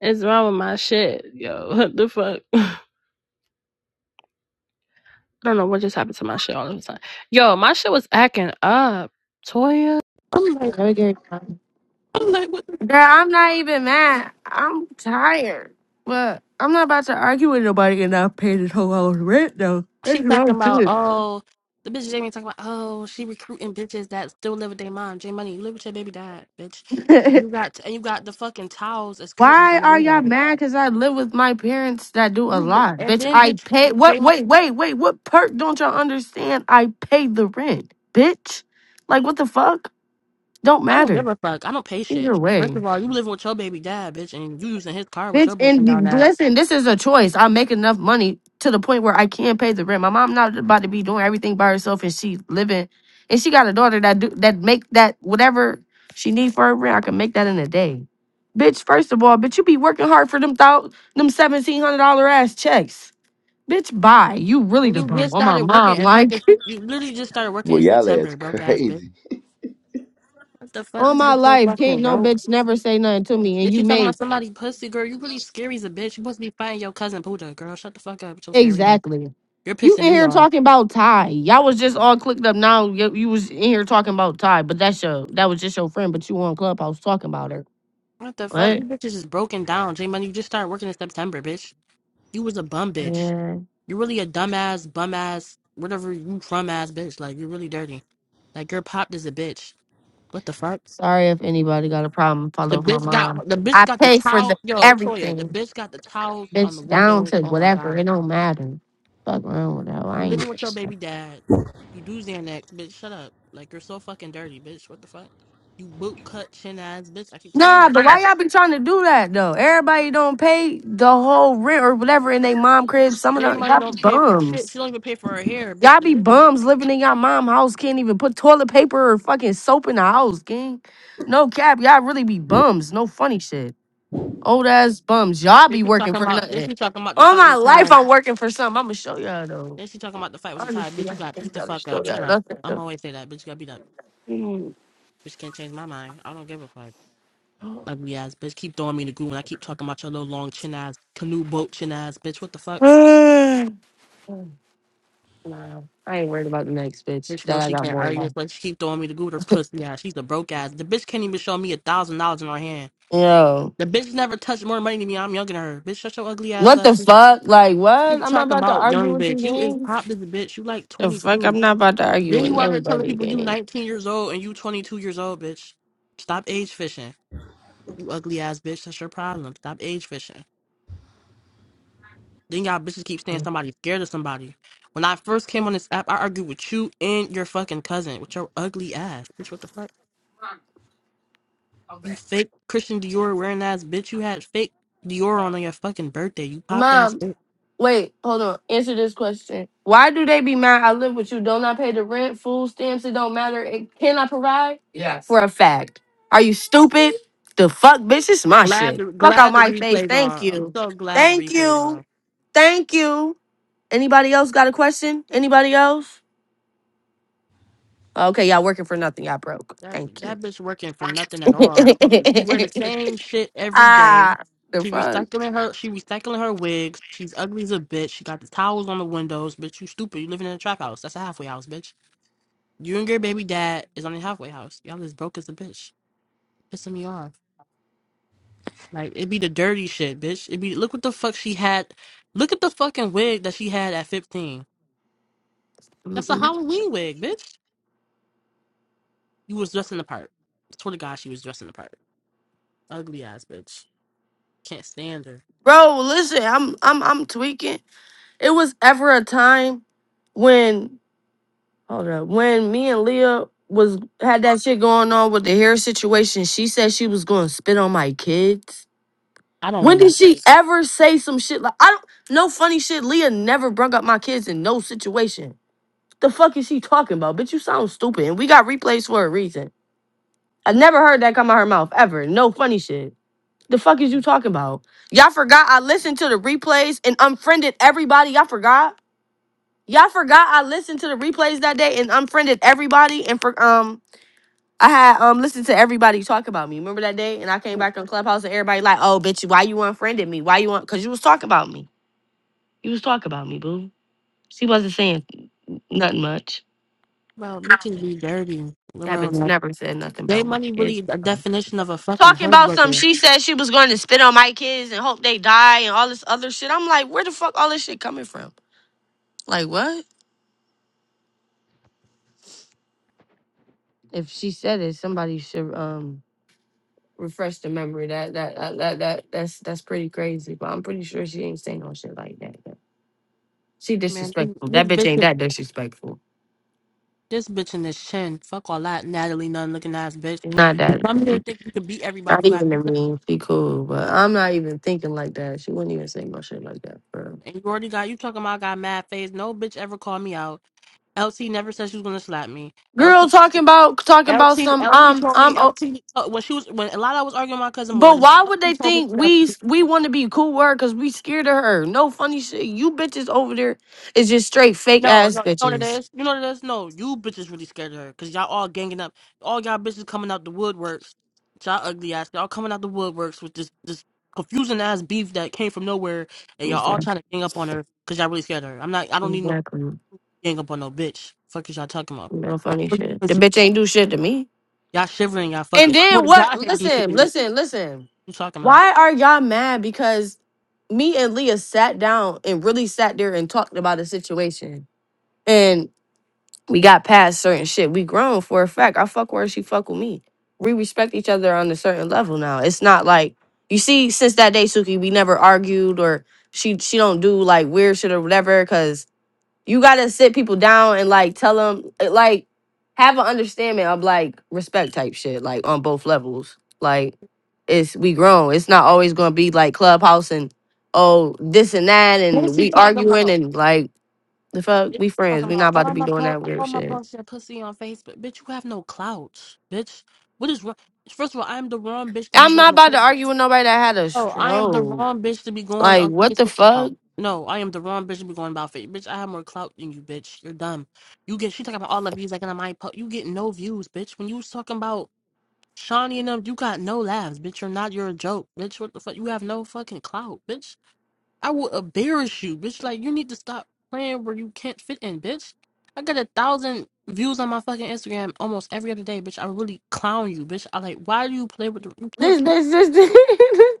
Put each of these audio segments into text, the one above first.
It's wrong with my shit, yo. What the fuck? I don't know what just happened to my shit all of a sudden. Yo, my shit was acting up. Toya. I'm like, Let me get Girl, I'm like, what the- I'm not even mad. I'm tired. But I'm not about to argue with nobody and not pay this whole house rent, though. That's she my talking about? shit. Oh, the bitch Jamie talking about. Oh, she recruiting bitches that still live with their mom. J Money, you live with your baby dad, bitch. And you got and you got the fucking towels as curtains Why in the are y'all window. mad? Because I live with my parents that do a You bi- lot. and Bitch, then I bitch, pay. J What? Money. Wait, wait, wait. What perk don't y'all understand? I pay the rent, bitch. Like, what the fuck? Don't I don't give matter. a fuck. I don't pay Either shit. First way. of all, you living with your baby dad, bitch, and you using his car with Bitch, your broken down and ass. listen, this is a choice. I make enough money to the point where I can pay the rent. My mom not about to be doing everything by herself, and she living, and she got a daughter that do that make that whatever she need for her rent. I can make that in a day. Bitch, first of all, bitch, you be working hard for them thou them seventeen hundred dollar ass checks. Bitch, bye. You really When the you just bum on my started working mom. and fucking, Like you literally just started working Well, in y'all ass September, broke ass bitch. crazy. What the fuck? on This my bitch so life, fucking can't no broke. bitch never say nothing to me, and If you you talking made about somebody pussy, girl, you really scary as a bitch. You supposed to be fighting your cousin Buddha, girl. Shut the fuck up with your scary ass. Exactly. You're You pissing in me here off. talking about Ty. Y'all was just all clicked up now. You, you was in here talking about Ty, but that's your that was just your friend, but you on Clubhouse talking about her. What the fuck? You What? bitches is broken down, J Money. You just started working in September, bitch. You was a bum bitch. Yeah. You really a dumbass, bum ass, whatever you from ass bitch. Like, you're really dirty. Like, your pop is a bitch. What the fuck? Sorry if anybody got a problem The following my bitch mom. got the bitch I got the pay for the towel. Yo, Toya, the everything. bitch got the towels on the Bitch down windows. to Oh my god, whatever. It don't matter. Fuck around with that. I you living ain't with your baby dad. You do Xanax, bitch. Shut up. Like you're so fucking dirty, bitch. What the fuck? You boot cut chin ass bitch. I keep telling Nah, that bitch but why that. y'all been trying to do that though? Everybody don't pay the whole rent or whatever in their mom crib. Some of Jay them Money y'all don't be pay for bums. shit. She don't even pay for her hair, bitch. Y'all The be bitch. bums living in y'all mom house, can't even put toilet paper or fucking soap in the house, gang. No cap, y'all really be bums. No funny shit. Old ass bums. Y'all Then be she working talking for about. Then nothing. she talking about the All fight my with the life tie. I'm working for something. I'ma show y'all though. Then she talking about the fight with the tie. Honestly, Bitch, you I got can't beat the gotta fuck up. show Shut y'all up. nothing I'm though. always say that. Bitch, you got beat up. Mm. Bitch can't change my mind. I don't give a fuck. Ugly ass bitch. Keep throwing me in the group when I keep talking about your little long chin ass, canoe boat chin ass bitch. What the fuck? nah, I ain't worried about the next bitch. Bitch, no, That I she got can't more argue about. this way. She keep throwing me the group with her pussy ass. She's a broke ass. The bitch can't even show me a thousand dollars in her hand. Yo. The bitch never touched more money than me. I'm younger than her. Bitch, shut your ugly ass What up. the fuck? Like what? Keep I'm not talking about to about argue young with you bitch. You is gang. popped as a bitch. You like The fuck? 22. I'm not about to argue Then with you out here telling nobody people you gang. 19 years old and you 22 years old, bitch. Stop age fishing. You ugly ass bitch. That's your problem. Stop age fishing. Then y'all bitches keep saying somebody scared of somebody. When I first came on this app, I argued with you and your fucking cousin with your ugly ass. Bitch, what the fuck? Okay. You fake Christian Dior wearing ass bitch. You had fake Dior on on your fucking birthday. You popped ass Mom, bitch. wait, hold on. Answer this question. Why do they be mad? I live with you. Don't I pay the rent, food stamps? It don't matter. It can I provide? Yes. For a fact. Are you stupid? The fuck, bitch, it's my Glad shit. the Fuck out glad the my face. replays Thank on. I'm you. so glad the Thank replays you. on. Thank you. Anybody else got a question? Anybody else? Okay, y'all working for nothing. Y'all broke. That Thank you. that bitch working for nothing at all. She she wear the same shit every day. ah, the She fuck. recycling her she recycling her wigs. She's ugly as a bitch. She got the towels on the windows, bitch. You stupid. You living in a trap house. That's a halfway house, bitch. You and your baby dad is on the halfway house. Y'all is broke as a bitch. Pissing me off. Like it'd be the dirty shit, bitch. It'd be look what the fuck she had. Look at the fucking wig that she had at fifteen. That's a Mm-mm. Halloween wig, bitch. You was dressing the part. Swear to God, she was dressing the part. Ugly ass bitch. Can't stand her. Bro, listen, I'm I'm I'm tweaking. it was ever a time when hold up when me and Leah was had that shit going on with the hair situation. She said she was going to spit on my kids. I don't When did remember. she ever say some shit like I don't no funny shit? Leah never brung up my kids in no situation. The fuck is she talking about? Bitch, you sound stupid. And we got replays for a reason. I never heard that come out her mouth ever. No funny shit. The fuck is you talking about? Y'all forgot I listened to the replays and unfriended everybody. Y'all forgot. Y'all forgot I listened to the replays that day and unfriended everybody and for um I had um listened to everybody talk about me. Remember that day? And I came back on Clubhouse and everybody like, oh bitch, why you unfriended me? Why you want cause you was talking about me. You was talking about me, boo. She wasn't saying nothing much. Well, bitches be dirty. That Bro, bitch like, never said nothing they about my money kid. really a um, definition of a fucking Talking hood about some burger. she said she was going to spit on my kids and hope they die and all this other shit. I'm like, where the fuck all this shit coming from? Like what? If she said it, somebody should um refresh the memory. That that that that, that that's that's pretty crazy. But I'm pretty sure she ain't saying no shit like that. She Man, this, disrespectful. this That bitch bitch, ain't in- that disrespectful. this bitch in this chin. Fuck all that, Natalie, none looking ass bitch. Not that. Come here think you can beat everybody. Not You even got to beat up. me. She cool, but I'm not even thinking like that. She wouldn't even say no shit like that, bro. and you already got you talking about I got mad face. No bitch ever called me out. LT never said she was gonna slap me. LT Girl talking about talking about LT some LT um told me um. Oh, LT uh, when she was when a lot I was arguing with my cousin more. but The why would LT they told me think what else. to we do. we want to be cool word because we scared of her? No funny shit. You bitches over there is just straight fake No, ass no, you know what it bitches. is. You know what it is. No, you bitches really scared of her because y'all all ganging up. All y'all bitches coming out the woodworks. Y'all ugly ass. Y'all coming out the woodworks with this this confusing ass beef that came from nowhere, and y'all all Exactly. trying to gang up on her because y'all really scared of her. I'm not. I don't need no. Exactly. gang up on no bitch. Fuck is y'all talking about? No funny shit. The bitch ain't do shit to me. Y'all shivering, y'all And fucking. What then did what? God can't do shit Listen, to me? What listen, listen. you talking about? Why are y'all mad? Because me and Leah sat down and really sat there and talked about the situation. And we got past certain shit. We grown for a fact. I fuck with her, she fuck with me. We respect each other on a certain level now. It's not like you see, since that day, Suki, we never argued or she she don't do like weird shit or whatever. because you gotta sit people down and like tell them like have an understanding of like respect type shit like on both levels like it's we grown it's not always gonna be like clubhouse and oh this and that What is and he we talking arguing about? and like the fuck Bitch, we friends talking we about not about to all be my doing po- that all weird my shit posts that pussy on Facebook. Bitch, you have no clout. Bitch, what is wrong? First of all, I'm the wrong bitch to be i'm going not to about to Facebook. argue with nobody that had a Oh, I am the stroke wrong bitch to be going like on what the Facebook fuck about. No, I am the wrong bitch to be going about Facebook. Bitch, I have more clout than you, bitch. You're dumb. You get she talking about all the views like in my po- you get no views, bitch. When you was talking about Shawnee and them, you got no laughs, bitch. You're not you're a joke, bitch. What the fuck? You have no fucking clout, bitch. I will embarrass you, bitch. Like you need to stop playing where you can't fit in, bitch. I got a thousand views on my fucking Instagram almost every other day, bitch. I really clown you, bitch. I like why do you play with the you playing? with This this this this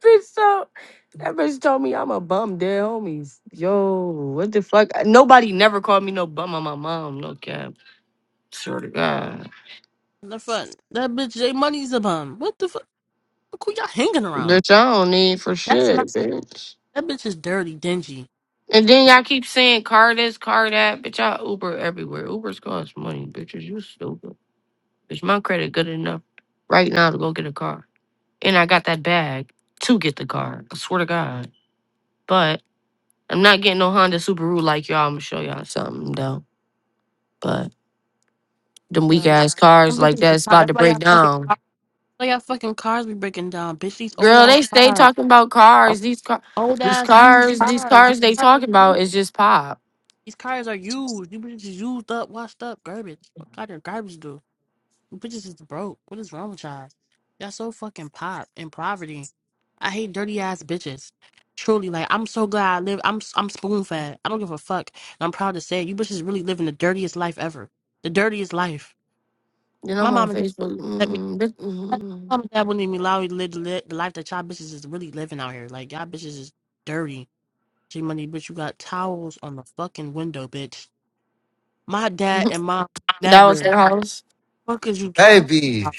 bitch so that bitch told me I'm a bum, dead homies. Yo, what the fuck? Nobody never called me no bum on my mom, no cap. Swear to God. The fuck? That bitch J Money's a bum. What the fuck? Look who y'all hanging around? Bitch, I don't need for That's shit, not. bitch. That bitch is dirty, dingy. And then Dirty, y'all keep saying car this, car that. Bitch, I Uber everywhere. Ubers cost money, bitches. You stupid. Bitch, my credit good enough right now to go get a car. And I got that bag to get the car. I swear to God. But I'm not getting no Honda Subaru like y'all. I'm gonna show y'all something though. But them weak man. ass cars Them like bitches is that's hot. about That's to why y'all break fucking. down. That's why y'all fucking cars be breaking down, bitch. These old Girl, ass they stay cars, talking about cars. These car, old these ass used cars, these cars. These cars they cars, talking are used. about is just pop. These cars are used. These bitches is used up, washed up, garbage. What kind of garbage do? Bitches is broke. What is wrong with y'all? Y'all so fucking pop in poverty. I hate dirty ass bitches. Truly, like I'm so glad I live. I'm s- I'm spoon fed. I don't give a fuck. And I'm proud to say it. you bitches really living the dirtiest life ever. The dirtiest life. Then My I'm on mom and dad Facebook. let me. Mm, this- My mm, mom and dad wouldn't even allow me to live the, li- the life that y'all bitches is really living out here. Like y'all bitches is dirty. G money, bitch. You got towels on the fucking window, bitch. My dad mm." and mom that was never. their house. Fuck is you talking Baby, about?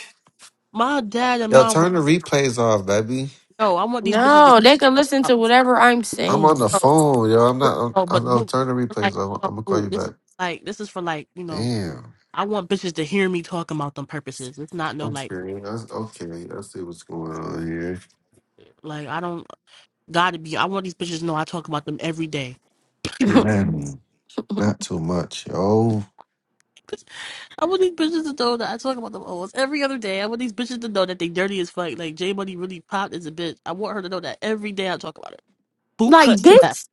My dad and yo, mom. turn the replays off, baby. No, I want these bitches to hit No, me they can listen up. to whatever I'm No, I'm on saying. the no, phone, yo. I'm boo, not. on- no, I but know. boo, Turn the replays like, off. no, I'm gonna call boo. you This is back. like, this is for like, you know, Damn. I want bitches to hear me talking about them purposes. It's not no like, Okay, that's okay. Let's see what's going on here. like I don't gotta be. I want these bitches to know I talk about them every day. Man, not too much, yo. Bitch, I want these bitches to know that I talk about them almost every other day. I want these bitches to know that they dirty as fuck. Like J Money really popped as a bitch. I want her to know that every day I talk about it. Boot like cut to that. bitch,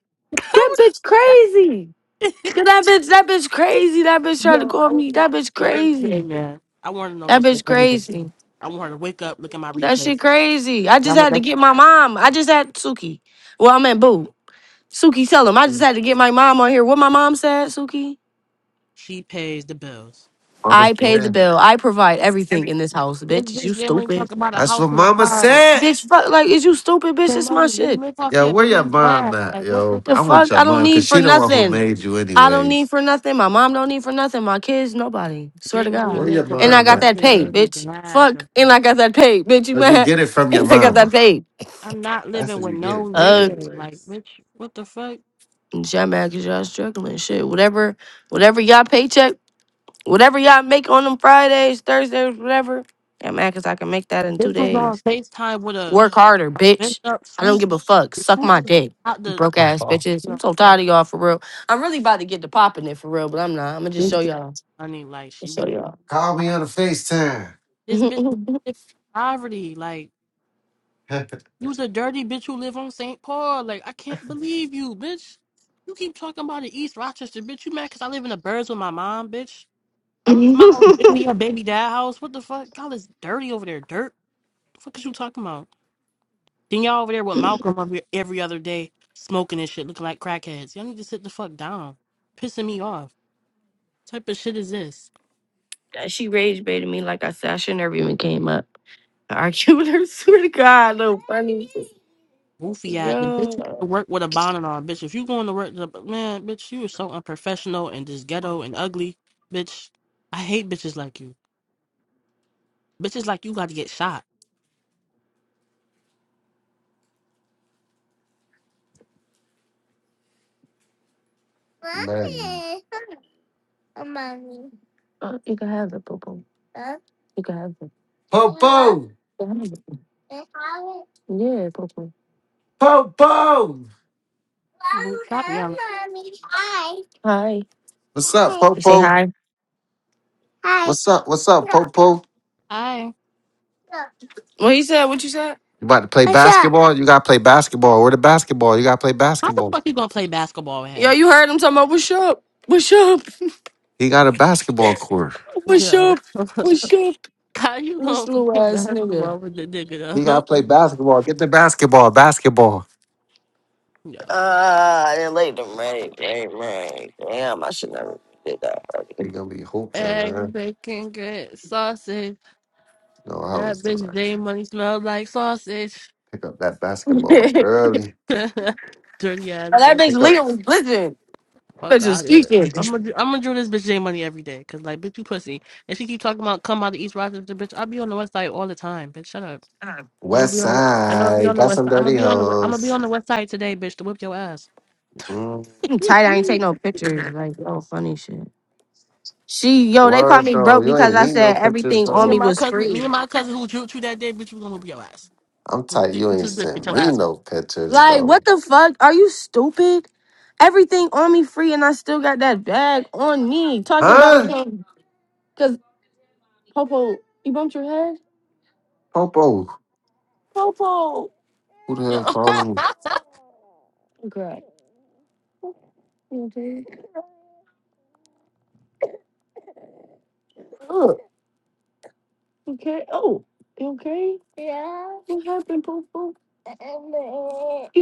that bitch crazy. Yeah, that bitch, that bitch crazy. That bitch tried to Yo, call I want me. to know this That bitch shit every day, crazy. man. I want to know That this shit bitch every day. crazy. I want her to wake up, look at my That shit replays, crazy. I and I just want had to that. get my mom. I just had Suki. Well, I meant Boo. Suki, tell him I just had to get my mom on here. What my mom said, Suki? She pays the bills. Mama I paid the said. bill. I provide everything in this house, This bitch. Is you bitch damn ain't stupid? talking about a That's house what and a Mama car. said. Bitch, fuck like is you stupid, bitch? J It's Money, my you shit. live off Yo, your where your baby mom dad. at, Like what the yo? The I fuck? want fuck? your I don't mom, cause need for she the one who nothing. made you, I don't need anyways. for nothing. My mom don't need for nothing. My kids, nobody. Swear J to Money God. Where your lives with And her I mom got at, that fucking yo? paid, baby bitch. dad. Fuck. And bro. I got that paid, bitch. You Cause you mad? get it from your And I got that mama. paid. I'm not That's living where with you get no it from, Uh, nigga. Like anyways. bitch, What the fuck? and y'all mad cause y'all struggling. Shit. Whatever, whatever y'all paycheck Whatever y'all make on them Fridays, Thursdays, whatever. Yeah, man, because I can make that in this two was on days. Facetime with a Work harder, messed bitch. up I don't swoop. give a fuck. The Suck swoop my was dick, out you the. broke ass bitches. I'm so tired of y'all for real. I'm really about to get to popping it for real, but I'm not. I'm gonna just This show bitch y'all. funny, like I'll she show really. y'all. Call me on a FaceTime. This bitch live in poverty, like you was a dirty bitch who live on St. Paul. Like I can't believe you, bitch. You keep talking about the East Rochester, bitch. You mad because I live in the birds with my mom, bitch. I'm my house bigger than your baby dad house. What the fuck? Y'all is dirty over there, dirt. The fuck is you talking about? Then y'all over there with Malcolm over here every other day smoking and shit, looking like crackheads. Y'all need to sit the fuck down. Pissing me off. type of shit is this? That she rage baited me like I said. I should never even came up. I argued with her. Swear to God, little funny. goofy at the bitch went Yo. to work with a bonnet on, bitch. If you going to work, man, bitch, you are so unprofessional and just ghetto and ugly, bitch. I hate bitches like you. Bitches like you got to get shot. Uh, Man. you can have it, boo boo. You can have it. Uh-huh. Popo! And how Yeah, Coco. Popo! Boo, Stop yelling. Hello, mommy. Hi. Hi. What's up, Hi. You say Popo? hi. Hi. What's up? What's up, Look, Popo? I look. What he said? What you said? You about to play What's up? basketball? You gotta play basketball. Where the basketball? You gotta play how the basketball. fuck you gonna play basketball with Yo, him? you heard him talking about what's up? What's up? He got a basketball court. What's Yo, up? What's up? how you gonna This little play ass basketball nigga. with the nigga He gotta play though? basketball. Get the basketball, basketball. Yo, Uh, I didn't like them right, right, right. Damn, I should never did that. Already. You're gonna be hooping, eggs, man. bacon, good sausage. No, I was That the bitch like J Money smells like sausage. pick up that basketball early. Dirty ass Well, that bitch. bitch Pick up Leah was listening. Fuck bitch is out here. speaking. I'm gonna I'm gonna drill this bitch J Money every day, cause like bitch you pussy, and she keep talking about come out of East Rochester, bitch. I'll be on the west side all the time, bitch. Shut up. I'm And I'm gonna West be on the we- and I'm gonna be Side. on the Got west. some side. I'm gonna dirty be on the we- I'm gonna be hoes. on the west side today, bitch, to whip your ass. me tired. Mm. I ain't take and no pictures. Like, oh, funny shit. She yo, they called Word me though, broke you because ain't I need no said pictures everything on me though. my was cousin, me free. and my cousin who drilled you that day, bitch, we gonna whip your ass. I'm Cause you tight. think You you ain't too good to get sent your me ass whipped. no pictures Like, though. what the fuck? Are you stupid? Everything on me free, and I still got that bag on me. Talking about Huh? him, cause Popo, you bumped your head. Popo, Popo, who the Yo, hell calling me? okay, You okay, Ugh. You okay, oh, you okay? Yeah. What happened, Popo?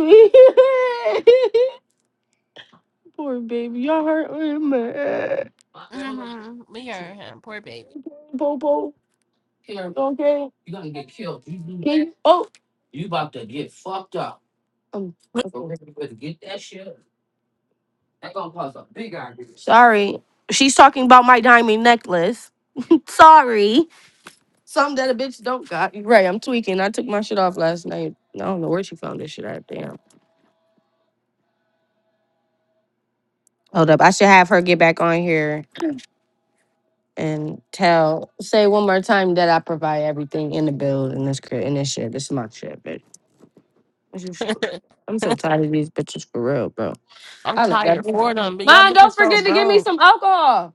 Poor baby, y'all hurt him. mm-hmm. we are him, poor baby. Popo. Okay. You're gonna get killed. You do Can you? that. Oh. Um, okay. Okay, you better get that shit. That's gonna cause a big argument. Sorry. She's talking about my diamond necklace. Sorry. Something that a bitch don't got. You're right. I'm tweaking. I took my shit off last night. I don't know where she found this shit at. Damn. Hold up. I should have her get back on here and tell, say one more time that I provide everything in the build and this crib and this shit. This is my shit, bitch. This is- I'm so tired of these bitches for real, bro. I'm I don't got tired it. for them, but y'all Mom, don't bitches so forget to give me bro. some alcohol.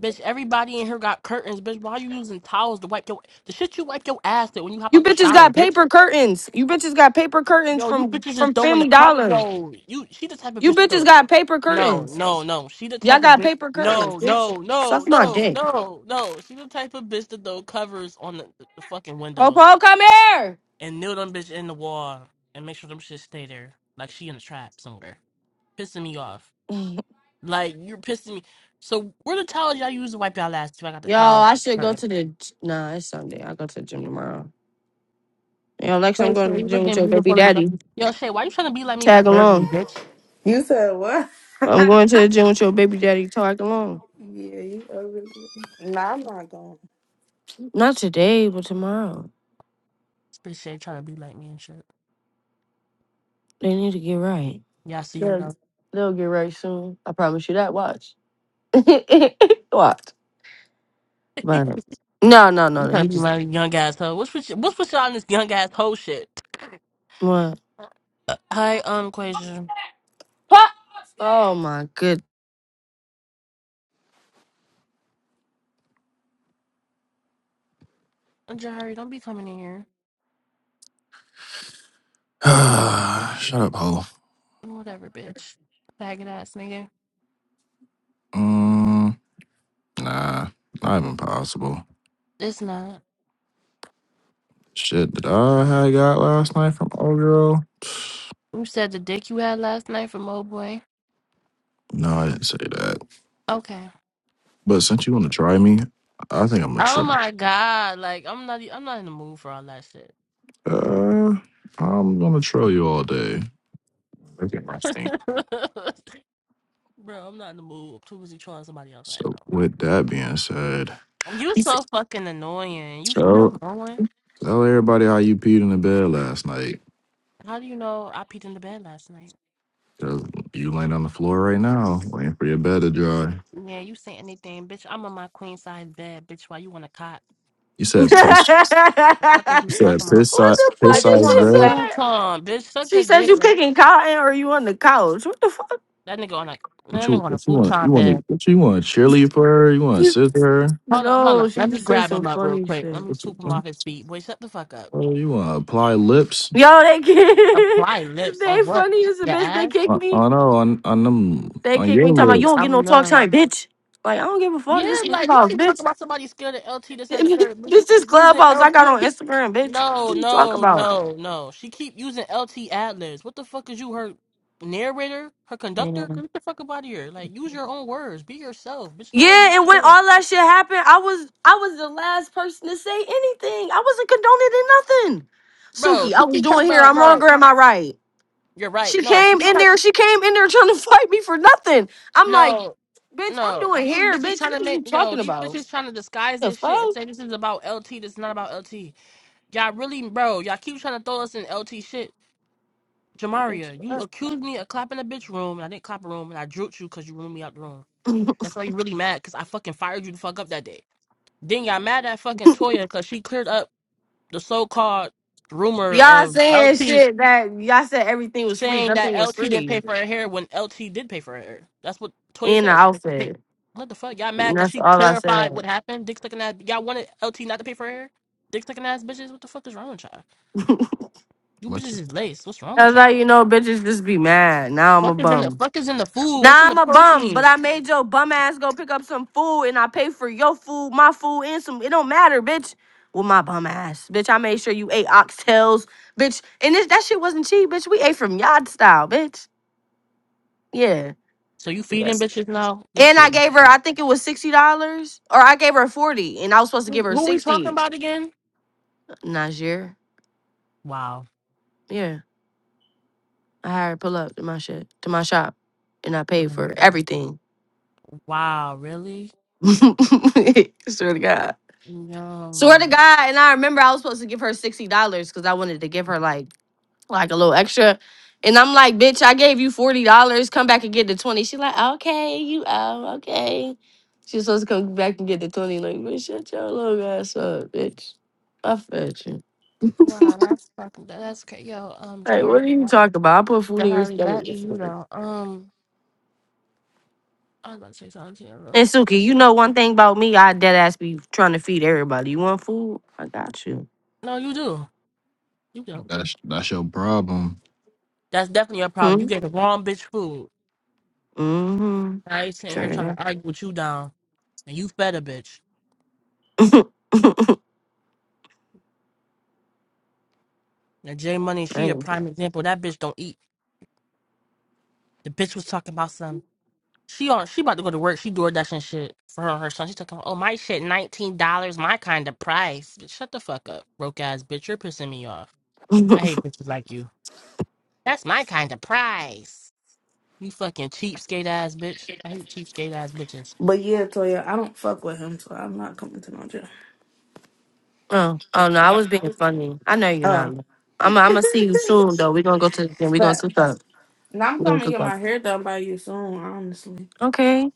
Bitch, everybody in here got curtains, bitch. Why you using towels to wipe your the shit you wipe your ass with when you hop You out the bitches shower, got bitch? paper curtains. You bitches got paper curtains Yo, you from bitches just from throwing the Family cover. Dollar. Yo, you she the type of You bitch to throw bitches it. got paper No, curtains. no, no. She the Y'all type of got bitch. paper curtains. No, Bitch, no, no, suck my no, dick. no, no. She the type of bitch to throw covers on the, the fucking windows Popo, come here. and nail them bitch in the wall and make sure them shit stay there. Like she in a trap somewhere. Pissing me off. Like you're pissing me. So where the towels y'all use to wipe y'all ass? If I got the Yo, towel. I should go to the. Nah, it's Sunday. I go to the gym tomorrow. Yo, Lex, I'm Shay, going Shay, to you the gym with looking your baby beautiful as a daddy. Yo, Shay, why you trying to be like me with the Tag burgundy, along. bitch? You said what? I'm going to the gym with your baby daddy. Tag along. Yeah, you ugly. Nah, I'm not going. Not today, but tomorrow. This Bitch, Shay trying to be like me and shit. They need to get right. Yeah, I see her They'll, though. they'll get right soon. I promise you that. Watch. Watch. But no, no, no, you no. He trying to be just my young ass hoe. What's with you, what's with y'all on this young ass hoe shit? what? Hi, um, Quasia. Pop! Oh my good. Jahari, don't be coming in here. Shut up, ho. Whatever, bitch. Faggot ass nigga. Mm, nah, not even possible. It's not. Shit, did I had got last night from old girl? You said the dick you had last night from old boy. No, I didn't say that. Okay. But since you want to try me, I think I'm gonna Oh trip. my god, like I'm not e- I'm not in the mood for all that shit. Uh, I'm gonna trail you all day. Okay, I think. Bro, I'm not in the mood. I'm too busy trolling somebody else right So, now. with that being said, You so fucking annoying. You still so going? tell everybody how you peed in the bed last night. How do you know I peed in the bed last night? 'Cause you laying on the floor right now, waiting for your bed to dry. Yeah, you say anything, bitch. I'm on my queen size bed, bitch. Why you want a cot? You what said piss. the The fuck is fuck You you said talking about? piss size, piss Bitch, did you size on she a bed. say? futon, bitch. Suck a She said dick, you right? picking cotton or you on the couch. What the fuck? That nigga on a What that you nigga on a what you want? futon You want bed. to what you want? to Cheerlead for her? You want to You- scissor her? Hold on, hold on. No, she Let me just said grab some him up real funny quick. Let shit. me What you, swoop him what, off his feet. Boy, shut the fuck up. oh, you want to apply lips? Yo, they kick. Apply lips they on what? funny as a Your bitch. They ass? kick I, me. I know on on them They on kick your me. Talking about you I'm lips. don't get no I'm talk time, numb. bitch. Like I don't give a fuck. Yeah, This is like you about keep talking bitch. about somebody scared of LT this and the third, but you this is keep using Clubhouse I LT. got You on keep... Instagram, bitch. No, What you talk no, about? no, no. She keep using LT ad libs. What the fuck is you her narrator, her conductor? Man. Get the fuck up out of here. Like use your own words. Be yourself. Bitch, not you Yeah, and when can. all that shit happened, I was I was the last person to say anything. I wasn't condoning in nothing. Bro, Suki, she I was keep trying. doing here. Bro, I'm wrong, no, or am I right? you're right. She No, she came keep in trying. there, she came in there trying to fight me for nothing. I'm like, No, bitch, I'm no. doing These hair, bitches bitch. trying to What are make you yo. talking These about? bitches trying to disguise The this shit and fuck? say this is about LT. This is not about LT. Y'all really, bro. Y'all keep trying to throw us in LT shit. Jamaria, you accused me of clapping a bitch room, and I didn't clap a room, and I drooped you because you ruined me out the room. That's why you really mad, because I fucking fired you the fuck up that day. Then y'all mad at fucking Toya because she cleared up the so-called rumor y'all of saying LT shit that y'all said everything was free. saying Nothing that was LT didn't pay free. for her hair when LT did pay for her hair. That's what Toya In the said. She said she paid. outfit. What the fuck? Y'all mad And because that's she all I clarified said. what happened? Dick sucking ass. Y'all wanted LT not to pay for her hair? Dick sucking ass bitches? What the fuck is wrong with y'all? You What you, bitches is laced. What's wrong I with was y'all? like, you know, bitches just be mad. Now I'm a Fuck is in the bum. fuck is in the food? What's Now in the I'm a bum, protein? but I made your bum ass go pick up some food and I pay for your food, my food, and some. It don't matter, bitch. With my bum ass, bitch. I made sure you ate oxtails, bitch. And this that shit wasn't cheap, bitch. We ate from Yard style, bitch. Yeah. So you feeding Yes. bitches now? This And I shit got to gave her, stop. I think it was sixty dollars, or I gave her forty, and I was supposed to give Who, her who we talking sixty. about again? Najir. Wow. Yeah. I had her pull up to my shit, to my shop, and I paid Mm, for everything. Wow, really? Swear to God. Swear to Yum. God. And I remember I was supposed to give her sixty dollars because I wanted to give her like like a little extra. And I'm like, bitch, I gave you forty dollars. Come back and get the twenty. She like, okay, you oh, okay. She's supposed to come back and get the twenty. Like, bitch, shut your little ass up, bitch. I fed you. Wow, that's fucking that- that's crazy. Yo, um, Hey, Jahari, what are you back, talking about? I put food in your Jahari, stomach back to you before. though. Um, I was about to say something to you. though. And Suki, you know one thing about me, I dead ass be trying to feed everybody. You want food? I got you. No, you do. You do. that's that's your problem. That's definitely your problem. You Hmm? gave the wrong bitch food. Mm-hmm. I ain't sitting here trying Sure to argue with you down, and you fed a bitch. Now J Money, she a Dang. prime example. That bitch don't eat. The bitch was talking about some. She on she about to go to work. She door dashing shit for her and her son. She talking, about, oh my shit, nineteen dollars, my kind of price. Bitch, shut the fuck up, broke ass bitch. You're pissing me off. oh, I hate bitches like you. That's my kind of price. You fucking cheapskate ass bitch. I hate cheapskate ass bitches. But yeah, Toya, I don't fuck with him, so I'm not coming to no jail. oh no, I was being funny. I know you're not. Oh. I'm I'm gonna see you soon though. We're gonna go to the gym. We're gonna but cook up. now I'm We're gonna coming to cook get up. my hair done by you soon, honestly. Okay.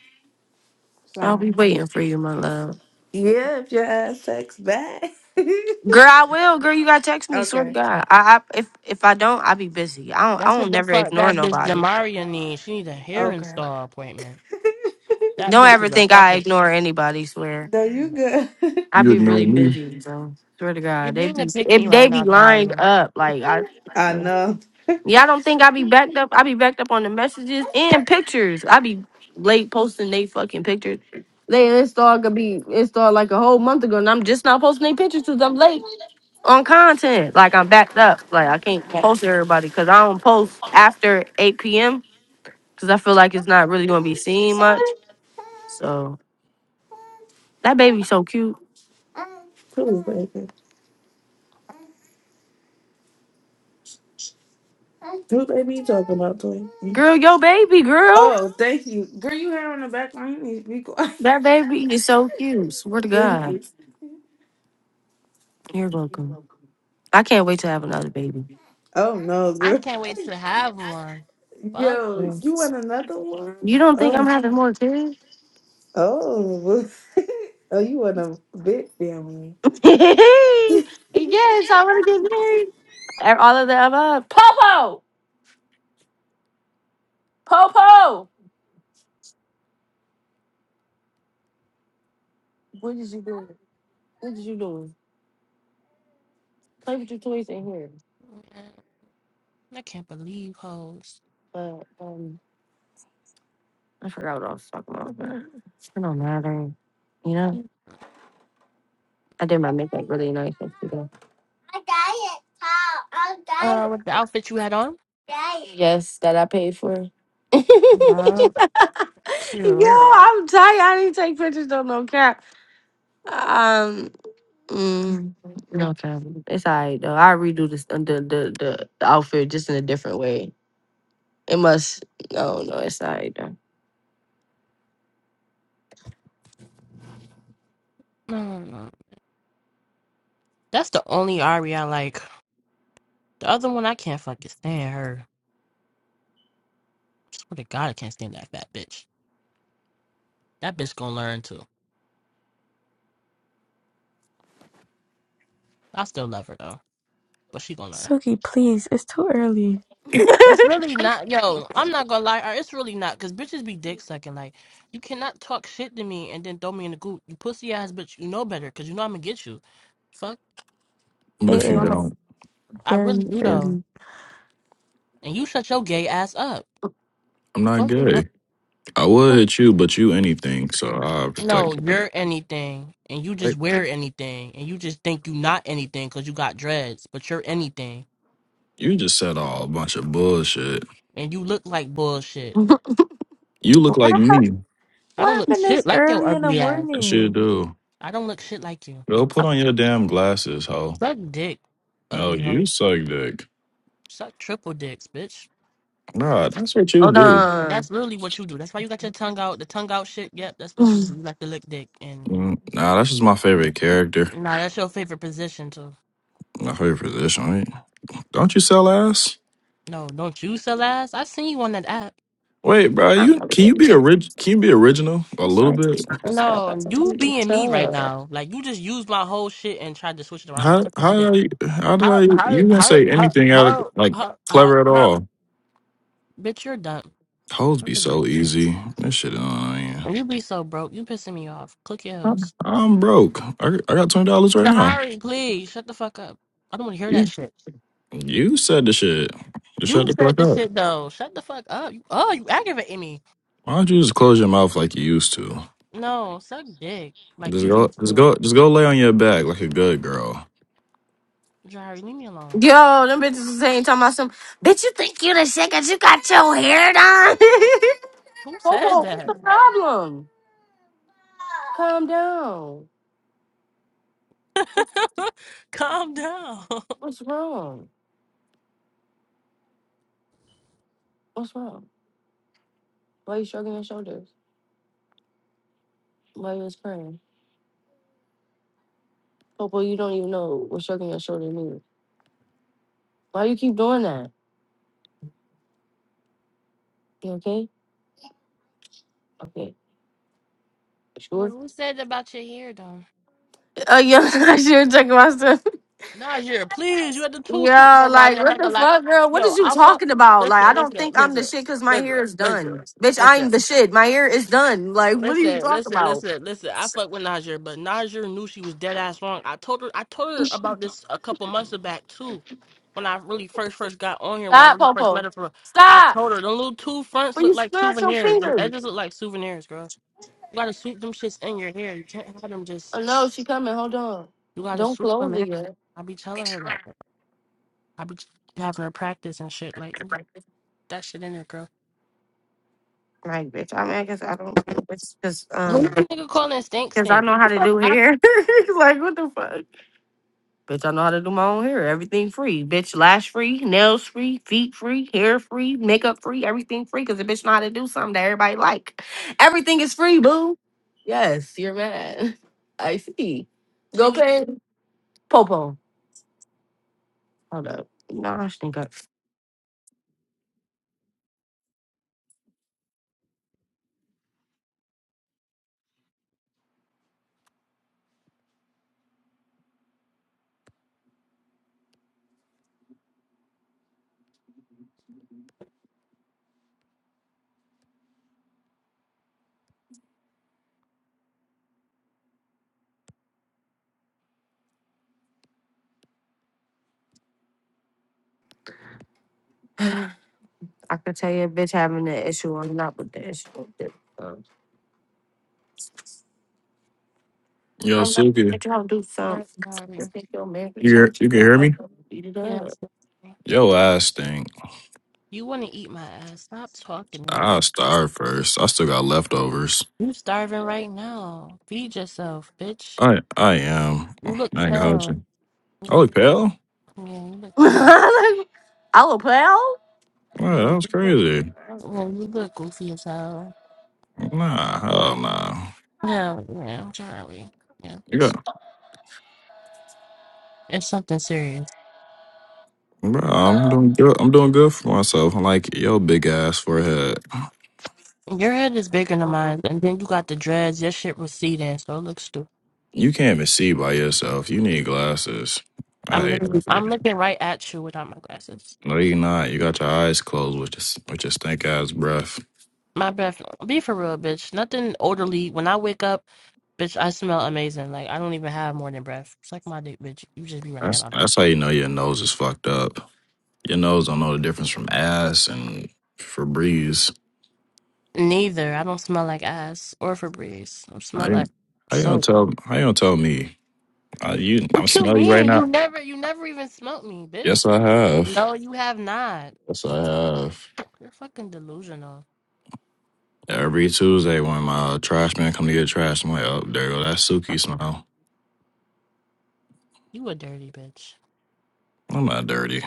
I'll So be waiting for you, my love. yeah, if your ass sex back. Girl, I will. Girl, you gotta text me. Swear to okay. God. I, I if if I don't, I'll be busy. I don't That's I what don't the never fuck ignore that bitch nobody. Jamaria needs. She needs a hair Okay. install appointment. That Don't bitch ever need a think I fucking. ignore anybody, swear. No, you good. I You be ignore really me, busy, so swear to You're God. They being a be pick if me right they be now, lined Daria. up. Like I I know. Y'all don't think I be backed up? I be backed up on the messages and pictures. I be late posting they fucking pictures. They installed could be installed like a whole month ago, and I'm just not posting they pictures because I'm late on content. Like I'm backed up. Like I can't Okay. post to everybody because I don't post after 8 p.m. because I feel like it's not really gonna be seen much. So that baby's so cute, Who, baby? Who baby you talking about, Toya? Mm. girl. Yo, baby, girl. Oh, thank you. Girl, you hair on the back line. You need to be quiet. That baby is so cute. Swear to Thank God. you. You're welcome. I can't wait to have another baby. Oh no, I girl. can't wait to have one. Fuck. Yo, you Yes. want another one? You don't think Oh, I'm having more kids? oh, oh, you want a big family? yes, I want to get married. And All of the above. Popo! Popo! What did you do? What did you do? Play with your toys in here. Man, I can't believe hoes. But um, I forgot what I was talking about. But it don't matter. You know, I did my makeup really nice yesterday. Uh, with the outfit you had on? Yes, that I paid for. Yo, I'm Yeah, cute. No, tired. I didn't take pictures. Don't no cap. Um. Mm, no problem. It's all right though. I redo this uh, the the the the outfit just in a different way. It must. No, no, it's all right though. no, no. That's the only Ari I like. The other one, I can't fucking stand her. Swear to God, I can't stand that fat bitch. That bitch gonna learn too. I still love her though, but she gonna learn. Suki, please, it's too early. It's really not, yo. I'm not gonna lie, Ari, it's really not, cause bitches be dick sucking. Like, you cannot talk shit to me and then throw me in the group. You pussy ass bitch, you know better, cause you know I'm gonna get you. Fuck, but It if you you know I'm a. is don't, I really very do though, early. and you shut your gay ass up. I'm not Fuck is not. gay. I would hit you, but you anything, so I No, protect. you. you're anything, and you Like, just wear anything, and you just think you not anything because you got dreads, but you're anything, you just said all a bunch of bullshit. and you look like bullshit. You look What, like hap- me. I what don't look happened shit this like your early in the ugly ass. That shit morning? do. I don't look shit like you. Go put I on your damn glasses, ho. suck dick, Oh, ugly you hoe. suck dick. Suck triple dicks, bitch. Nah, that's what you Hold do. on. That's literally what you do. That's why you got your tongue out, the tongue out shit. Yep, that's what you do. You like to lick dick, and Mm, Nah, that's just my favorite character. nah, that's your favorite position too. My favorite position. Right? Don't you sell ass? No, don't you sell ass? I seen you on that app. Wait, bro. I'm You not can you getting be something. orig- Can you be original a That's little like bit? that's like No, that's a you really being me right bad. now. Like you just used my whole shit and tried to switch it around. How Suck my how dick. did I? How did I? How You how didn't how say how anything out of how like how how, clever at how all. bitch you're dumb. Hoes Suck be a dick. so easy. This shit is annoying. You be so broke. You pissing me off. Click your I'm hoes. I'm broke. I, I got twenty dollars right now. Jahari, please shut the fuck up. I don't want to hear You that shit. you said the shit. Just You shut the said fuck this up. shit though. Shut the fuck up. You, oh, you aggravating me. Why don't you just close your mouth like you used to? No, suck dick. Like Just you go used just to. go just go lay on your back like a good girl. Jahari, leave me alone. Yo, them bitches was saying talking about some bitch. You think you the shit 'cause you got your hair done? Who Bobo, said what's that? the problem? Calm down. What's Calm down. but what's wrong? What's wrong? Why you shrugging your shoulders? Why you was crying? Popo, you don't even know what shrugging your shoulders means. Why you keep doing that? You okay? Okay. Sure. who said about your hair though? Oh, yeah, I should check myself. Niger, please, you had the Yo, two. Su- no, like, Niger, I'm what not the gonna lie. fuck, girl? What Yo, is you I fuck. talking about? Like, I Listen, don't listen, think I'm the listen, shit because my listen, hair is listen, done. Bitch, listen. I'm the shit. My hair is done. Like, what are you Listen, talking listen, about? listen, listen. I fuck with Najir, but Najir knew she was dead ass wrong. I told her, I told her about this a couple months back too, when I really first first got on here, when I Stop, really first met Popo. her. For I Stop. told her, the little two fronts Or you look like snatch your souvenirs. Them edges fingers. look like souvenirs, girl. You gotta sweep them shits in your hair. You can't have them just. Oh, no, she coming. Hold on. You gotta Don't sweep them close in. it I be telling her that. I be having her practice and shit like mm, yet. that shit in there, girl. Like, bitch, I'm mad because I don't, bitch, because Who the um, nigga calling stink because I stink? know how to do I hair. like, what the fuck, bitch? I know how to do my own hair. Everything free, bitch. Lash free, nails free, feet free, hair free, makeup free, everything free. Because the bitch know how to do something that everybody like. Everything is free, boo. Yes, you're mad. I see. see Go we pay Popo. Hold up. No, I think I. I could tell you, a bitch, having an issue or not with the issue. Um, Yo, I'm not. Suki. Bitch, I'll do we something. sorry. Just think your man could You try hear- to you can stop hear us me? from beat it up. Yes. Yo ass stink. You wanna eat my ass. Stop talking to me. I'll I'm- starve first. I still got leftovers. You starving right now. Feed yourself, bitch. I I am. I You look ain't gonna hold hell. you. You Holy look pal. yeah, you look hell. I will play out. Wow, Yeah, that was crazy. yeah, you look goofy as hell. Nah, hell nah. Yeah, yeah, I'm sorry. Yeah, You it's, got it's something serious. bro, I'm doing good. I'm doing good for myself. I'm like, yo, big ass forehead. Your head is bigger than Uh-uh. mine, and then you got the dreads. Your shit receding, so it looks stupid. You can't even see by yourself. You need glasses. I I'm hate looking- that for I'm you. looking right at you without my glasses. No, you not. You got your eyes closed with your, with your stink ass breath. My breath. Be for real, bitch. Nothing odorly. When I wake up, bitch, I smell amazing. Like I don't even have more than breath. It's like my dick, bitch. You just be running out. That's my- that's how you know your nose is fucked up. Your nose don't know the difference from ass and Febreze. Neither. I don't smell like ass or Febreze. I smell I like ain't- how you gonna soap. tell how you gonna tell me? I, you I'm What you smelling you right mean? now. You never, you never even smelt me, Yes, bitch. I have. No, you have not. Yes, I have. You're fucking delusional. Every Tuesday when my trash man come to get trash, I'm like, oh, there go that Suki smell. You a dirty bitch. I'm not dirty.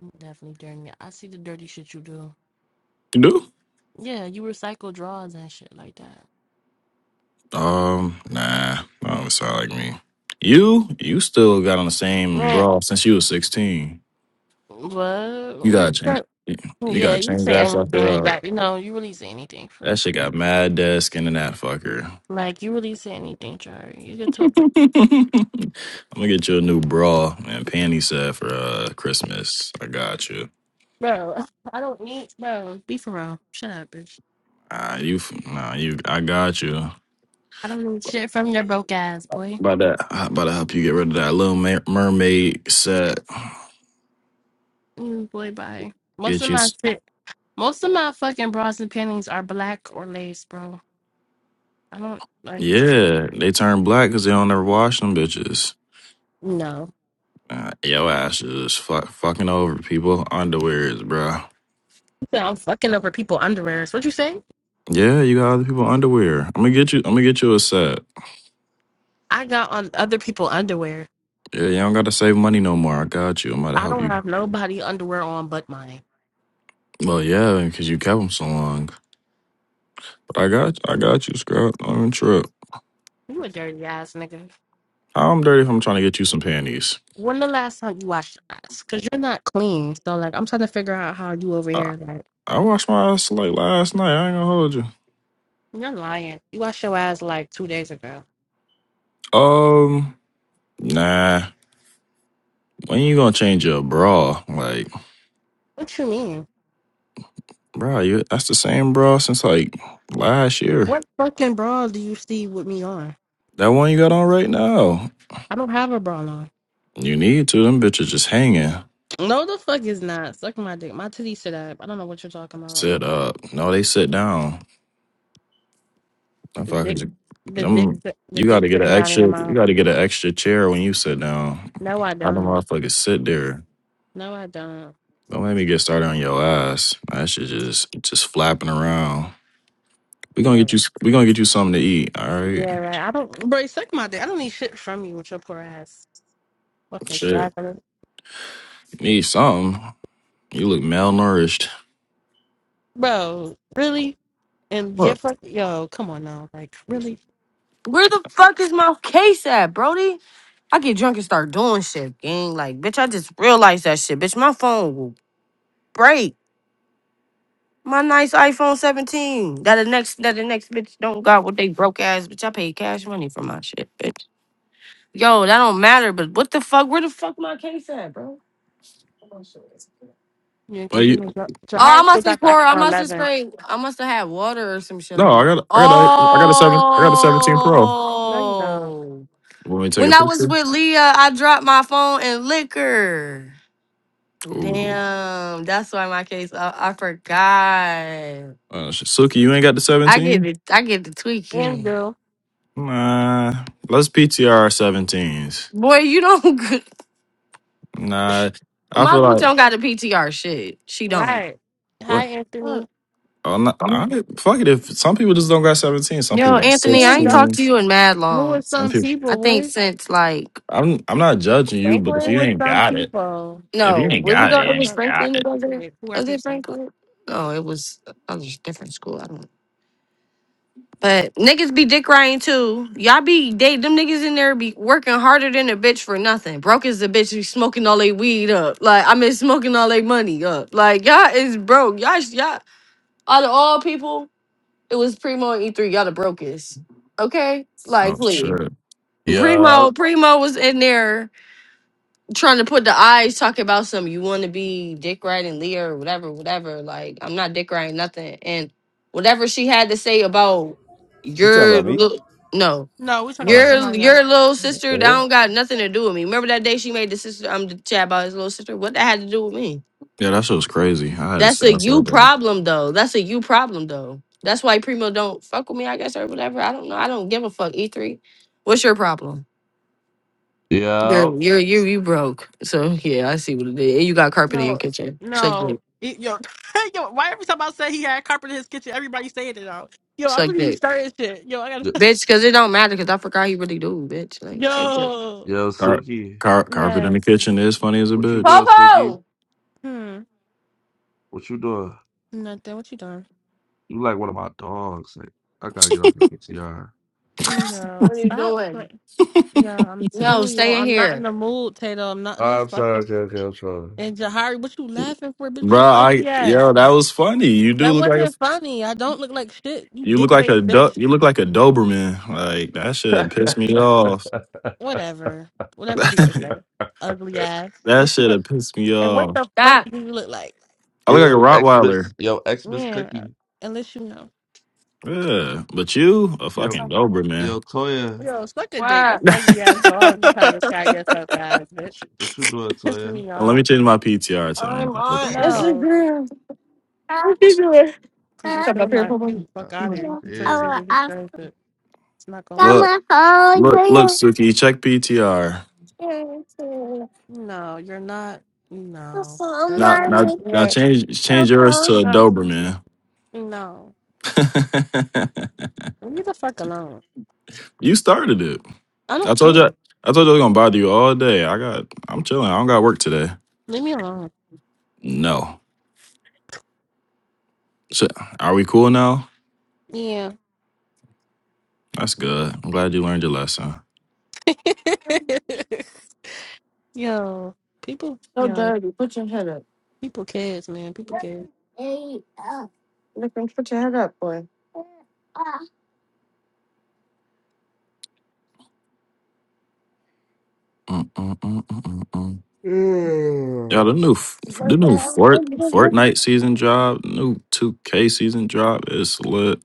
You Definitely dirty. I see the dirty shit you do. You do? Yeah, you recycle drawers and shit like that. Um, nah. I don't sound like me. You you still got on the same Well, bra since you was 16. You What? gotta It's change. not- You Yeah, gotta you change say that anything. fucker up. Like, you know, you really say anything. For, That shit got mad dead skin in that fucker. like, you really say anything, Charlie. You get to a point. I'm gonna get you a new bra and panty set for uh Christmas. I got you. Bro, I don't need, bro, be for real. Shut up, bitch. Ah, you, f- nah, you. I got you. I don't need shit from your broke ass, boy. About that, I- about to help you get rid of that little mer- mermaid set. Mm, boy, bye. Most Get of you. my s- shit, most of my fucking bras and panties are black or lace, bro. I don't, like, what you, Yeah, they turn black because they don't ever wash them bitches. no. Uh, your ass is fu- fucking over people underwears, bro. You said I'm fucking over people underwears. What you say? Yeah, you got other people underwear. I'm gonna get you. I'm gonna get you a set. I got on other people underwear. Yeah, you don't gotta save money no more. I got you. I'm about to I help don't you. have nobody underwear on but mine. Well, yeah, because you kept them so long. But I got I got you, Scrub. Don't trip. You a dirty ass nigga. I'm dirty if I'm trying to get you some panties. When the last time you washed your ass? Cause you're not clean. So like I'm trying to figure out how you over I, here like I washed my ass like last night. I ain't gonna hold you. you're lying. You washed your ass like two days ago. Um, nah. When you gonna change your bra? Like, What you mean? bro, you that's the same bra since like last year. What fucking bra do you see with me on? That one you got on right now. I don't have a bra on. You need to. Them bitches just hanging. No the fuck is not. Suck my dick. My titties sit up. I don't know what you're talking about. Sit up. No, they sit down. Them The fucking dick just, the dick them. sit- the You got dick to get an sitting down in extra. your You mouth. got to get an extra chair when you sit down. No I I don't don't. motherfuckers sit there. No I don't. Don't let me get started on your ass. That shit just just flapping around. We gonna Yeah get right. you. We gonna get you something to eat. All Yeah right. right. I don't bro, suck my dick. I don't need shit from you with your poor ass. Fucking Shit. straggler. Need something. You look malnourished. Bro, really? And yeah, What? fuck yo, come on now, like really, Where the fuck is my case at, Brody? I get drunk and start doing shit, gang. Like, bitch, I just realized that shit. Bitch, my phone will break. My nice iPhone 17. That the next that the next bitch don't got what they broke ass, bitch. I paid cash money for my shit, bitch. Yo, that don't matter, but what the fuck? Where the fuck my case at, bro? yeah, Well, because you you, know Ja- Oh, I Jahari still must have got the poured. I iPhone must have 11. sprayed. I must have had water or some shit no, on I my. got. I got. a- I got a seven. I got a seventeen pro. No, you don't. Oh, Want me to take a when I was picture? with Leah, I dropped my phone and liquor. Ooh. Damn, that's why my case. I, I forgot. Uh, sh- Suki, you ain't got the I get seventeen. it. I get the And tweaking. do Nah. Let's PTR seventeens. Boy, you don't. Nah. I My feel bitch like don't got a PTR. Shit, she don't. right. Hi, what. Anthony. Fuck. Oh, nah, I fuck it. If some people just don't got seventeen, some people Yo, got Anthony, Who I ain't don't? talked to sixteens. you in mad Who are long. Some some people. people? I think What? since like. I'm I'm not judging you, but if Franklin. Who you are ain't some got it, people? if you No, ain't Willie Who got it, Gar- you are was some? ain't Franklin got that it. was there. Who are Was it people? Franklin? No, it was other different school. I don't. But niggas be dick riding too. Y'all be they them niggas in there be working harder than a bitch for nothing. Broke is the bitch who's smoking all they weed up. Like I mean smoking all they money up. Like y'all is broke. Y'all sh- y'all out of all people, it was Primo and E3. Y'all the brokest. Okay? Oh Like please. shit. Primo, Yo, Primo was in there. trying to put the eyes talking about some you want to be dick riding Leah or whatever, whatever. Like I'm not dick riding nothing. And whatever she had to say about You talking your about me? little no, No, we're talking about Oh, your somebody else. your little what sister, the that hell? don't got nothing to do with me. Remember that day she made the sister um the chat about his little sister? What that had to do with me? Yeah, that shit was crazy. I had to That's say a I saw you that. problem though. That's a you problem though. That's why Primo don't fuck with me, I guess, or whatever. I don't know. I don't give a fuck. E3. What's your problem? You're yo, you're you you broke. So yeah, I see what it is. And you got carpet in your No, kitchen. Suck dick. no. It- yo, yo, why every time I say he had carpet in his kitchen, everybody saying it out. Yo, I Suck really be dick. starting shit. Yo, I gotta. yo, Bitch, cause it don't matter cause I forgot he really do, bitch. Like suck dick. Yo. yo, Car- Suki, car- carpet in the Yes. kitchen is funny as a what you bitch. doing, Suki? Popo! Hmm. What you doing? Nothing. What you doing? You like one of my dogs? Like, I gotta get off your PTR. What Girl, are you stop. doing? But yeah, I'm No, telling you, stay in I'm not in here. the mood, Tato. I'm not in the Oh, I'm sorry. fucking. Okay, okay, I'm sorry. And Jahari, what you laughing for, bitch? Bro, Your I ugly ass. yo, that was funny. You do That look like a wasn't funny. I don't look like shit. You you look dick like face, a du- bitch. you look like a Doberman. Like that should piss me off. Whatever. Whatever people that say. Ugly ass. What you should look? have pissed me And what off. the fuck Stop. do you look like? I look like a Yo, Rottweiler. Xmas, yo, Xmas Yeah, cookie. unless you know. Yeah, but you a Yo, fucking Doberman. yo, Toya, Yo, suck a dick. Why? That's an ugly ass dog. You try to sky yourself ass, what bitch. you, what you doing, Pissing Toya? me Let me off. change my PTR to when I'm I look on like a dog. No, Instagram. What you doing? because you Come still up here, not Popo. cute. Uh, Fuck out of here. You can try to Yeah. say Oh, that I've you It's not gonna got work. Look, my look, look, phone. Suki, check PTR. No, you're not. My No, phone, that's Now, now, mommy. not. now, Yeah. change change yours to a My Doberman. No, leave me the fuck alone. you started it. I don't I told you. care. I told you I was gonna bother you all day. I got. I'm chilling. I don't got work today. Leave me alone. No. So, are we cool now? Yeah. That's good. I'm glad you learned your lesson. yo, people. Yo, people cares, man. People cares. phone. Yeah. Mm, mm, mm, mm, mm, mm. Yeah, the Mm. new f- the new Fort Fortnite season drop, new 2K season drop is lit.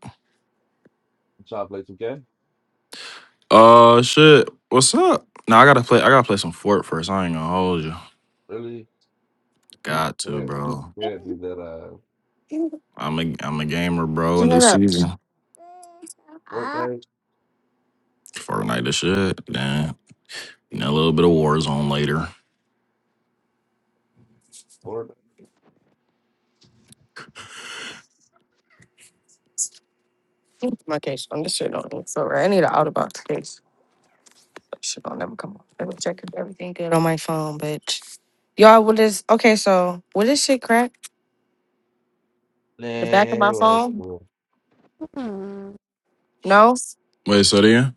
Chocolate, okay? Uh, shit. What's up? Nah, I gotta play. I gotta play some Fort first. I ain't gonna hold you. Really? You Got to, can't, you bro. can't do that. Uh, I'm a I'm a gamer, bro. New Shut up. season. work day, Fortnite the shit. Then you know, a little bit of Warzone later. My case on the shit on it. So I need an out of box case. That shit don't never come off. Let me check if everything good on my phone, bitch. y'all will this okay, so will this shit crack? The back of Nah, my it was phone? cool. Mm. No? Wait, so then?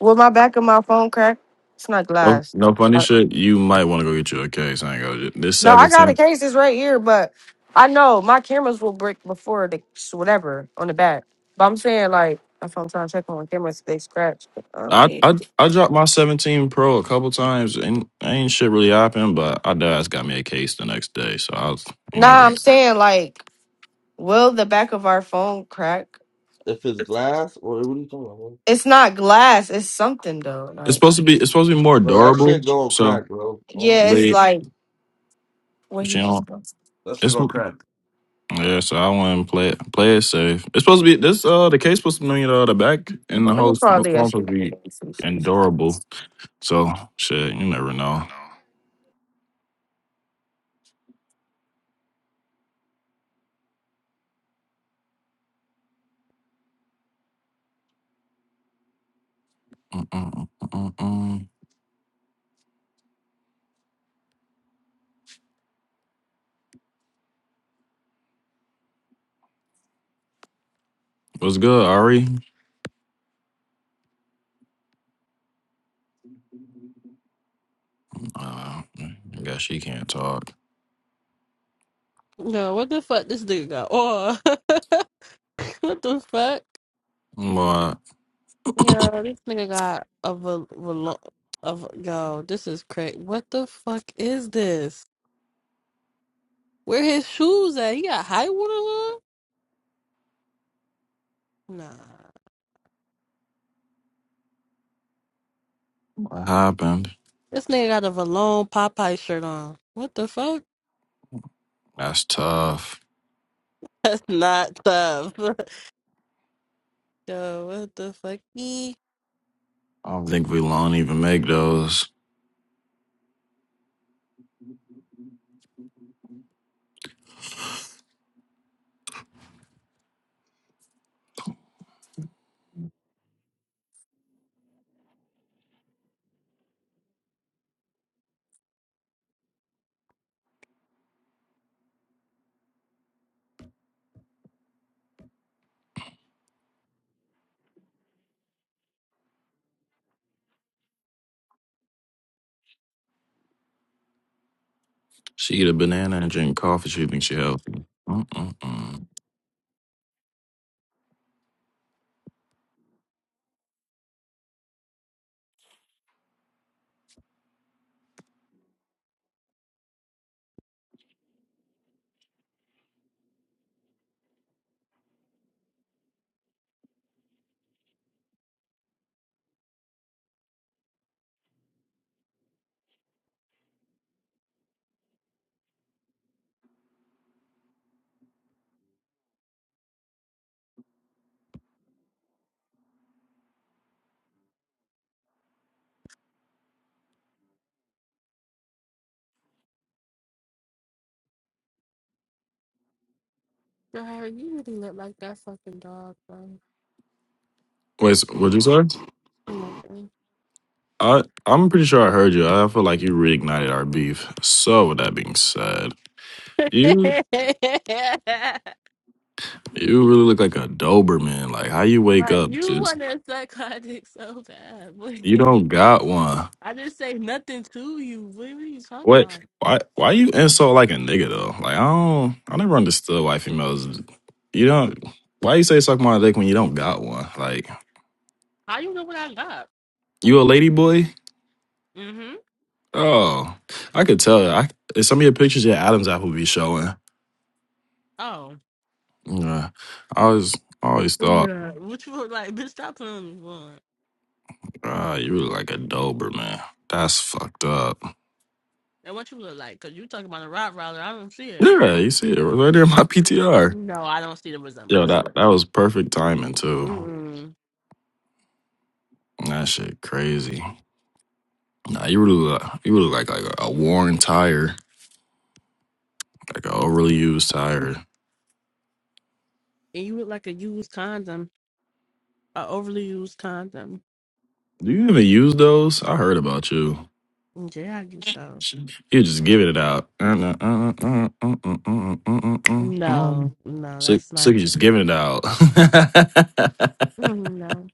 Will my back of my phone crack? It's not No, glass. no funny shit. You might want to go get you a case. I ain't gonna this No, I got the 17. cases right here, but I know my cameras will break before they whatever on the back. But I'm saying like if I'm trying to check on my cameras, they scratch. But I don't I, need. I I dropped my 17 Pro a couple times and ain't shit really happened, but I dad's got me a case the next day, so I was you never. Nah, I'm saying like, will the back of our phone crack? If it's glass, or what are you talking about? It's not glass. It's something though. It's Like supposed to be it's supposed to be more Bro, that durable, shit go on so crack, bro. Oh, yeah, it's but like what but he you just. know Well, that shit go on it's crack. Yeah, so I want to play it, play it safe. It's supposed to be this. Uh, the case supposed to mean uh the back and the let whole me s- the call Leah. phone She supposed to be because endurable. So shit, you never know. Mm-mm-mm-mm-mm. What's good, Ari? Uh, I guess she can't talk. Yo, what the fuck this dude got? Oh, what the fuck? What? Yo, this nigga got a val- val- of yo. This is crazy. What the fuck is this? Where his shoes at? He got high water on? Nah. What happened? This nigga got a Valone Popeye shirt on. What the fuck? That's tough. That's not tough. Yo, what the fuck? E? I don't think we don't even make those. She eat a banana and drink coffee. She thinks she healthy. Mm-mm-mm. Bro, you really look like that fucking dog, bro. Wait, s- what'd you say? Nothing. I I'm pretty sure I heard you. I feel like you reignited our beef. So with that being said, you you really look like a Doberman. Like how you wake like, up, you just want to suck my dick so bad. boy. you don't got one. I didn't say nothing to you. What are you talking What? about? Why? Why you insult like a nigga though? Like I don't. I never understood why females. You don't. Why you say suck my dick when you don't got one? Like How you know what I got? you a lady boy? Mm-hmm. Oh, I could tell. I in some of your pictures, your Adam's apple be showing. Oh. Yeah, I was I always thought. Yeah. What you look like? Bitch, stop playing with me, boy. Ah, you look like a Doberman. That's fucked up. And what you look like? Because you talking about a Rottweiler. I don't see it. Yeah, you see it right there in my Mm, PTR. No, I don't see the Yo, resemblance. no. that that was perfect timing too. Mm-mm. That shit crazy. Nah, you really look, you would look like like a worn tire, like a overly used tire. And you look like a used condom, a overly used condom. Do you even use those? I heard about you. Yeah, I guess so. You just giving it out. Uh, uh, uh, uh, uh, uh, uh, uh, uh, uh, uh, uh, uh. No, no, Suki, that's not. Suki just giving it out. mm, No,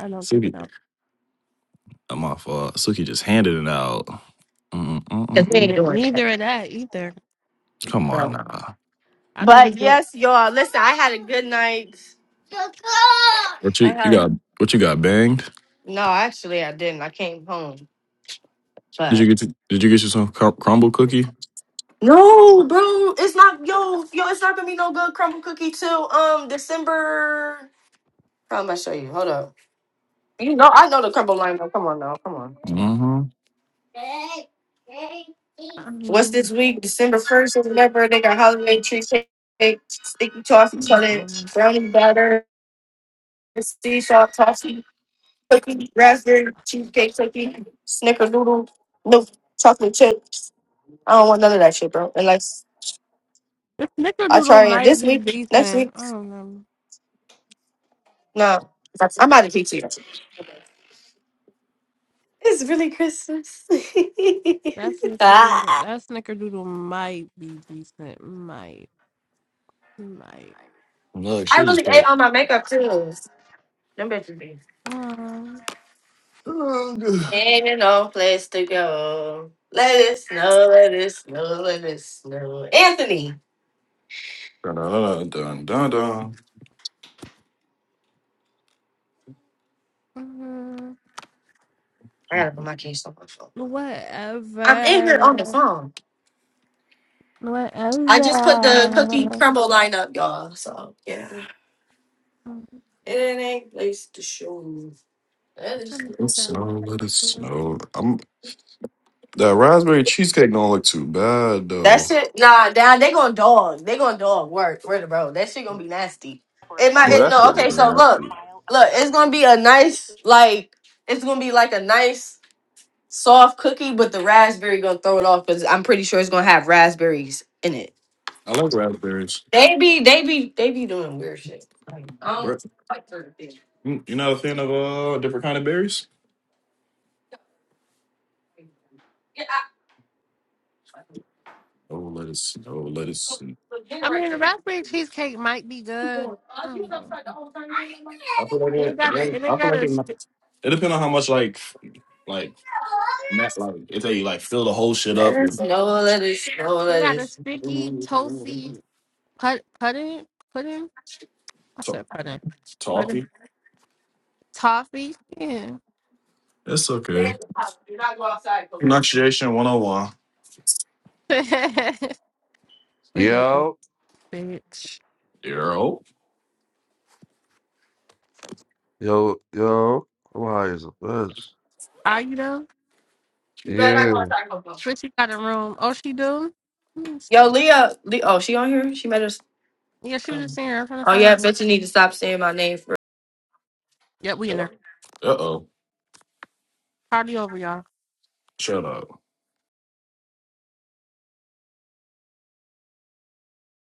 I don't give it Suki, up. my fault. Suki just handed it out. Mm, mm, mm, we ain't mm. Ne- doing that. neither of that either. Come on Bro. now. I don't do But guilt. yes, y'all. Listen, I had a good night. What I you you had got? What you got banged? No, actually, I didn't. I came home, Did you but get to, Did you get you some cr- crumble cookie? no, bro, it's not yo, yo. It's not gonna be no good crumble cookie till um December. How am I show you? Hold up. You know, I know the crumble lineup. Come on now, come on. Mm-hmm. What's Um, this week? December first or whatever. They got holiday treat cake, sticky toffee I'm not chocolate, really- brownie batter, sea salt toffee cookie, raspberry cheesecake cookie, snickerdoodle, milk chocolate chip. I don't want none of that shit, bro. Unless the I try snickerdoodle it might this be week, next decent. week. I don't know. Nah, I'm out of PT. It's really Christmas. That Ah, snickerdoodle, that snickerdoodle might be decent. Might, might. Look, I she was really like, ate all my makeup too. Them bitches be. Um, "Oh, good." Ain't no place to go. Let it snow, let it snow, let it snow. Anthony, dun dun dun dun. dun. mhm. I gotta put my case on my phone. I'm in here on the Whatever. phone. I just put the cookie Whatever. crumble line up, y'all. So yeah, I'm it ain't no place to show. Let it trying to Let it figure out snow. snow, what. let it I'm- snow. I'm, that raspberry cheesecake don't look too bad That though. shit, nah, nah, they gonna dog. They gonna dog work. Where the bro? That shit gonna be nasty. It might, Boy, it, that no, shit okay, was so look, nasty. look, it's gonna be a nice, like, it's gonna be like a nice soft cookie, but the raspberry gonna throw it off because I'm pretty sure it's gonna have raspberries in it. I like raspberries. They be, they be, they be doing weird shit. Like, I Ra- don't like certain things. You- are not a fan of uh different kind of berries? Yeah, I- Oh, let it snow, let it snow. I mean, the raspberry cheesecake might be good. I don't know. I feel like And it it. got a Again, and I it feel got like a it. st- It depends on how much like like that's like if they like fill the whole shit up with No lettuce, no they got a lettuce. sticky Yo, toasty put pudding pudding. I to- said pudding pudding toffee. toffee. Yeah, It's okay. Pronunciation one hundred one. whatever, Yo, bitch. You're old. yo, yo. I'm high as a bitch. Are you though? Yeah. But she got a room. Oh, she do. Let me see. Leah, Le- oh, she on here? She met us. Yeah, she was just in here. I'm trying to Oh yeah, I find her. bet you need to stop saying my name for Yep, we Uh in there. oh. Party over, y'all. Shut up.